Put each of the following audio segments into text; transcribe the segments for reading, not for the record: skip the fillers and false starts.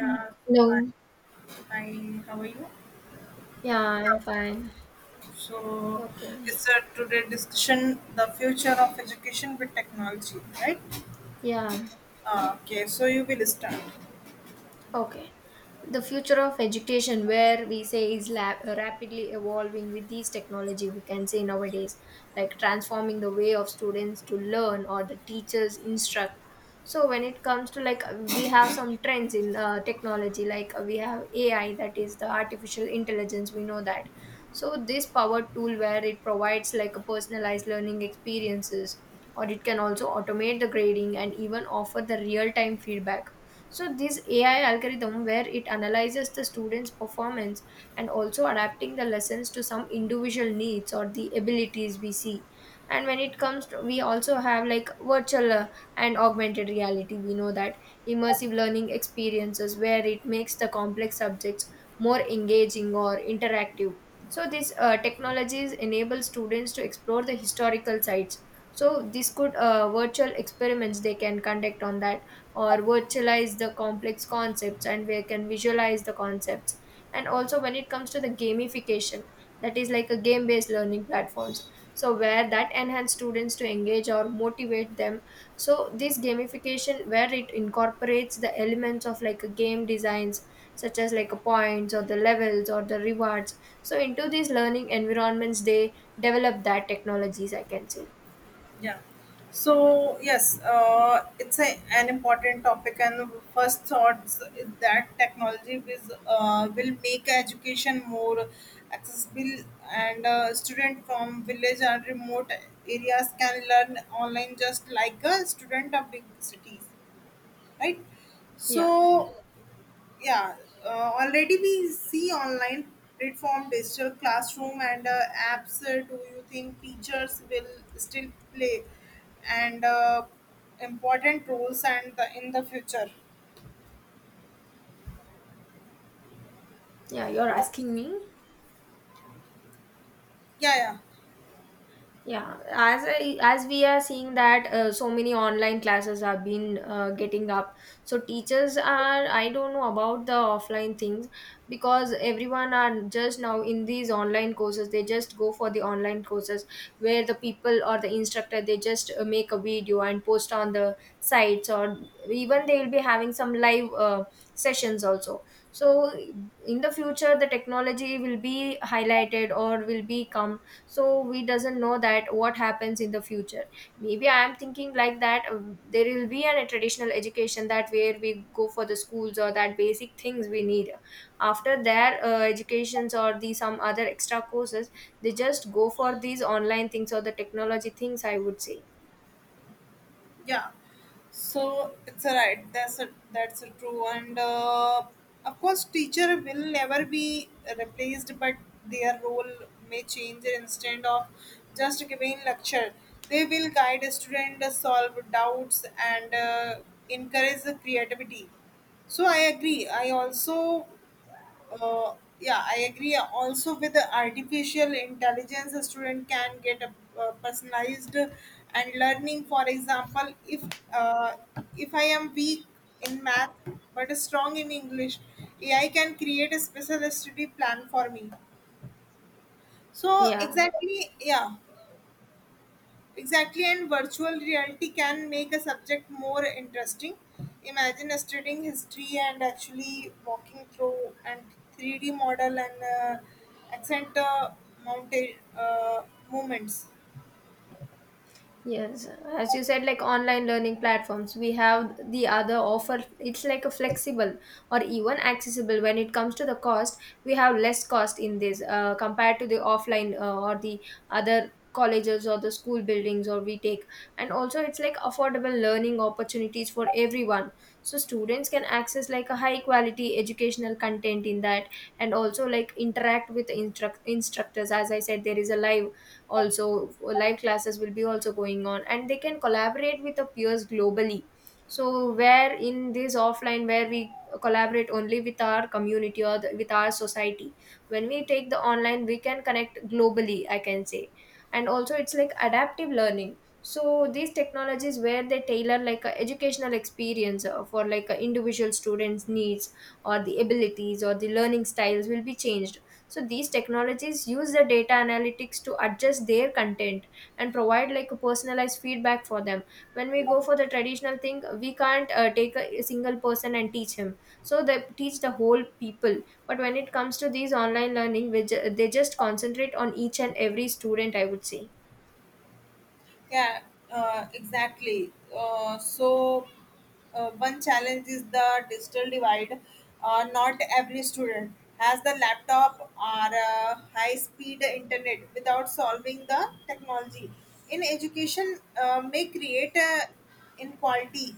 Yeah. fine. No. How are you? Yeah, I'm fine. So, Okay. it's a today discussion the future of education with technology, right? Yeah. Okay, so you will start. Okay. The future of education, where we say is lab, rapidly evolving with these technology, we can say nowadays, like transforming the way of students to learn or the teachers instruct. So when it comes to, like, we have some trends in technology, like we have AI, that is the artificial intelligence. We know that. So this power tool, where it provides like a personalized learning experiences, or it can also automate the grading and even offer the real time feedback, so this AI algorithm where it analyzes the student's performance and also adapting the lessons to some individual needs or the abilities we see. And when it comes to, we also have like virtual and augmented reality. We know that immersive learning experiences where it makes the complex subjects more engaging or interactive. So these technologies enable students to explore the historical sites. So this could virtual experiments they can conduct on that, or virtualize the complex concepts and we can visualize the concepts. And also when it comes to the gamification, that is like a game based learning platforms, so where that enhance students to engage or motivate them. So this gamification where it incorporates the elements of like a game designs, such as like a points or the levels or the rewards, so into these learning environments they develop that technologies, I can say. Yeah. So yes, it's a, an important topic, and first thoughts is that technology is, will make education more accessible, and student from village and remote areas can learn online just like a student of big cities, right. Yeah, So yeah, already we see online platform, digital classroom, and apps. Do you think teachers will still play and important roles and the, in the future? yeah, you're asking me. Yeah. Yeah, as I, as we are seeing that so many online classes have been getting up, so teachers are, I don't know about the offline things, because everyone are just now in these online courses, they just go for the online courses, where the people or the instructor they just make a video and post on the sites, or even they will be having some live sessions also. So in the future the technology will be highlighted or will be come, so we doesn't know that what happens in the future. Maybe I am thinking like that, there will be an, a traditional education that where we go for the schools or that basic things we need. After their educations or the some other extra courses, they just go for these online things or the technology things, I would say. Yeah, so it's a right. That's a that's a true, and of course teacher will never be replaced, but their role may change. Instead of just giving lecture, they will guide student, solve doubts, and encourage the creativity. So I agree. I also, yeah, I agree. Also, with the artificial intelligence, a student can get a personalized and learning. For example, uh, if I am weak in math but strong in English, AI can create a special study plan for me. So Yeah. exactly, yeah. Exactly, and virtual reality can make a subject more interesting. Imagine studying history and actually walking through and 3D model and accent mountain movements. Yes, as you said, like online learning platforms, we have the other offer. It's like a flexible or even accessible when it comes to the cost. We have less cost in this compared to the offline or the other colleges or the school buildings or we take. And also, it's like affordable learning opportunities for everyone. So students can access like a high quality educational content in that, and also like interact with the instructors. As I said, there is a live, also live classes will be also going on, and they can collaborate with the peers globally. So where in this offline where we collaborate only with our community or the, with our society, when we take the online we can connect globally, I can say. And also it's like adaptive learning, so these technologies where they tailor like a educational experience for like a individual students needs or the abilities or the learning styles will be changed. So these technologies use the data analytics to adjust their content and provide like a personalized feedback for them. When we go for the traditional thing we can't take a single person and teach him, so they teach the whole people. But when it comes to these online learning, we they just concentrate on each and every student, I would say. Yeah, exactly. So, one challenge is the digital divide. Not every student has the laptop or high speed internet without solving the technology. In education, may create a inequality.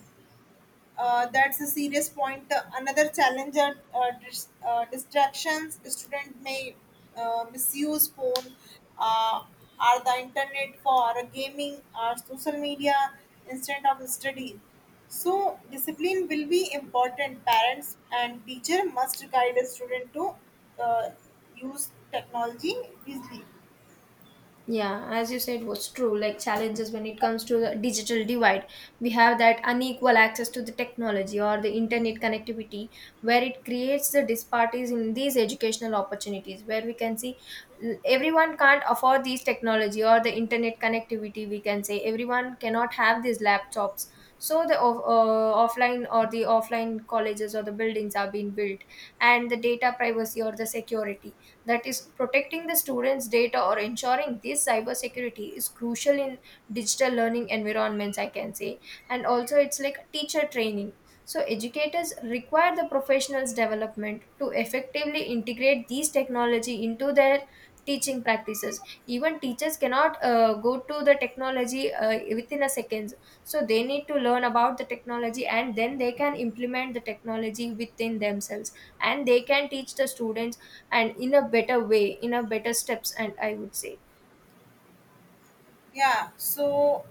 That's a serious point. Another challenge are distractions. Student may misuse phone uh, or the internet for gaming or social media instead of study. So discipline will be important. Parents and teacher must guide a student to uh, use technology wisely. Yeah, as you said, was true. Like challenges when it comes to the digital divide, we have that unequal access to the technology or the internet connectivity, where it creates the disparities in these educational opportunities. Where we can see, everyone can't afford these technology or the internet connectivity. We can say everyone cannot have these laptops. So the offline or the offline colleges or the buildings are being built, and the data privacy or the security, that is, protecting the students' data or ensuring this cybersecurity is crucial in digital learning environments, I can say. And also, it's like teacher training. So, educators require the professionals' development to effectively integrate these technology into their teaching practices. Even teachers cannot go to the technology within a second. So, they need to learn about the technology and then they can implement the technology within themselves, and they can teach the students, and in a better way, in a better steps, and I would say. Yeah. So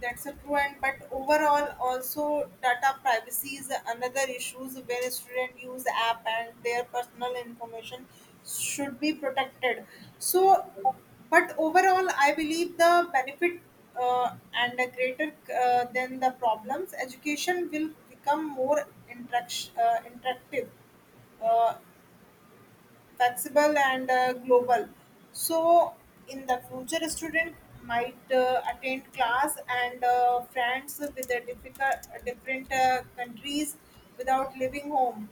that's a true, and but overall also data privacy is another issues where students use app and their personal information should be protected. So, but overall I believe the benefit and a greater than the problems. Education will become more interactive, uh, flexible, and global. So, in the future, a student might attend class and friends with the different countries without leaving home.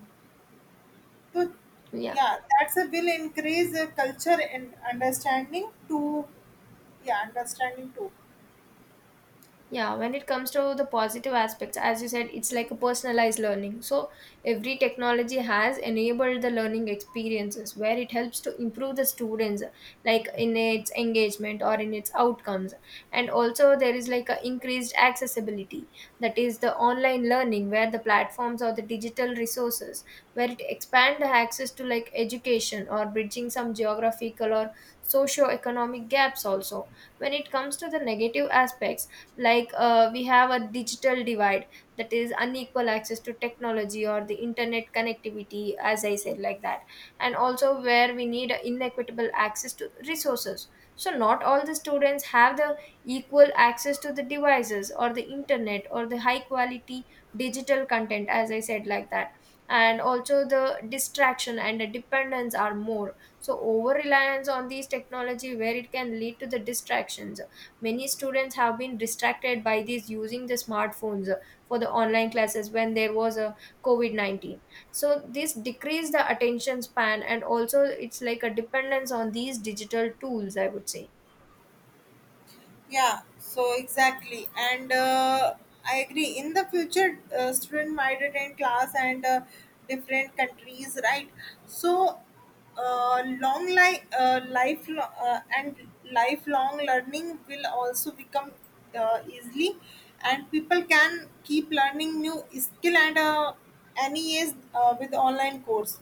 So, Yeah. yeah, that's a will increase culture and understanding to, yeah, understanding too. Yeah, when it comes to the positive aspects, as you said, it's like a personalized learning. So, every technology has enabled the learning experiences where it helps to improve the students, like in its engagement or in its outcomes. And also, there is like a increased accessibility, that is the online learning, where the platforms or the digital resources, where it expand the access to like education, or bridging some geographical or socio-economic gaps also. When it comes to the negative aspects, like we have a digital divide, that is unequal access to technology or the internet connectivity, as I said like that. And also where we need inequitable access to resources, so not all the students have the equal access to the devices or the internet or the high quality digital content, as I said like that. And also the distraction and the dependence are more, so over reliance on these technology where it can lead to the distractions. Many students have been distracted by these using the smartphones for the online classes when there was a COVID 19. So, this decreased the attention span, and also it's like a dependence on these digital tools, I would say. Yeah, so exactly. And I agree. In the future, student might attend class and different countries, right? So, life and lifelong learning will also become easily, and people can keep learning new skill at any age with online course.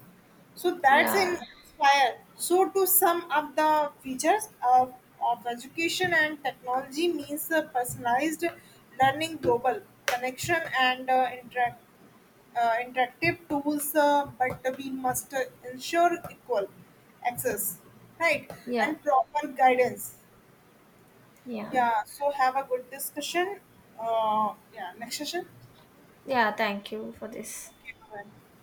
So that's Yeah, an inspire. So to sum up the features of education and technology means personalized learning, global connection, and interactive tools. But we must ensure equal access, right, yeah, and proper guidance. yeah, Yeah. So have a good discussion. Yeah. Next session. yeah. Thank you for this. Okay. Bye.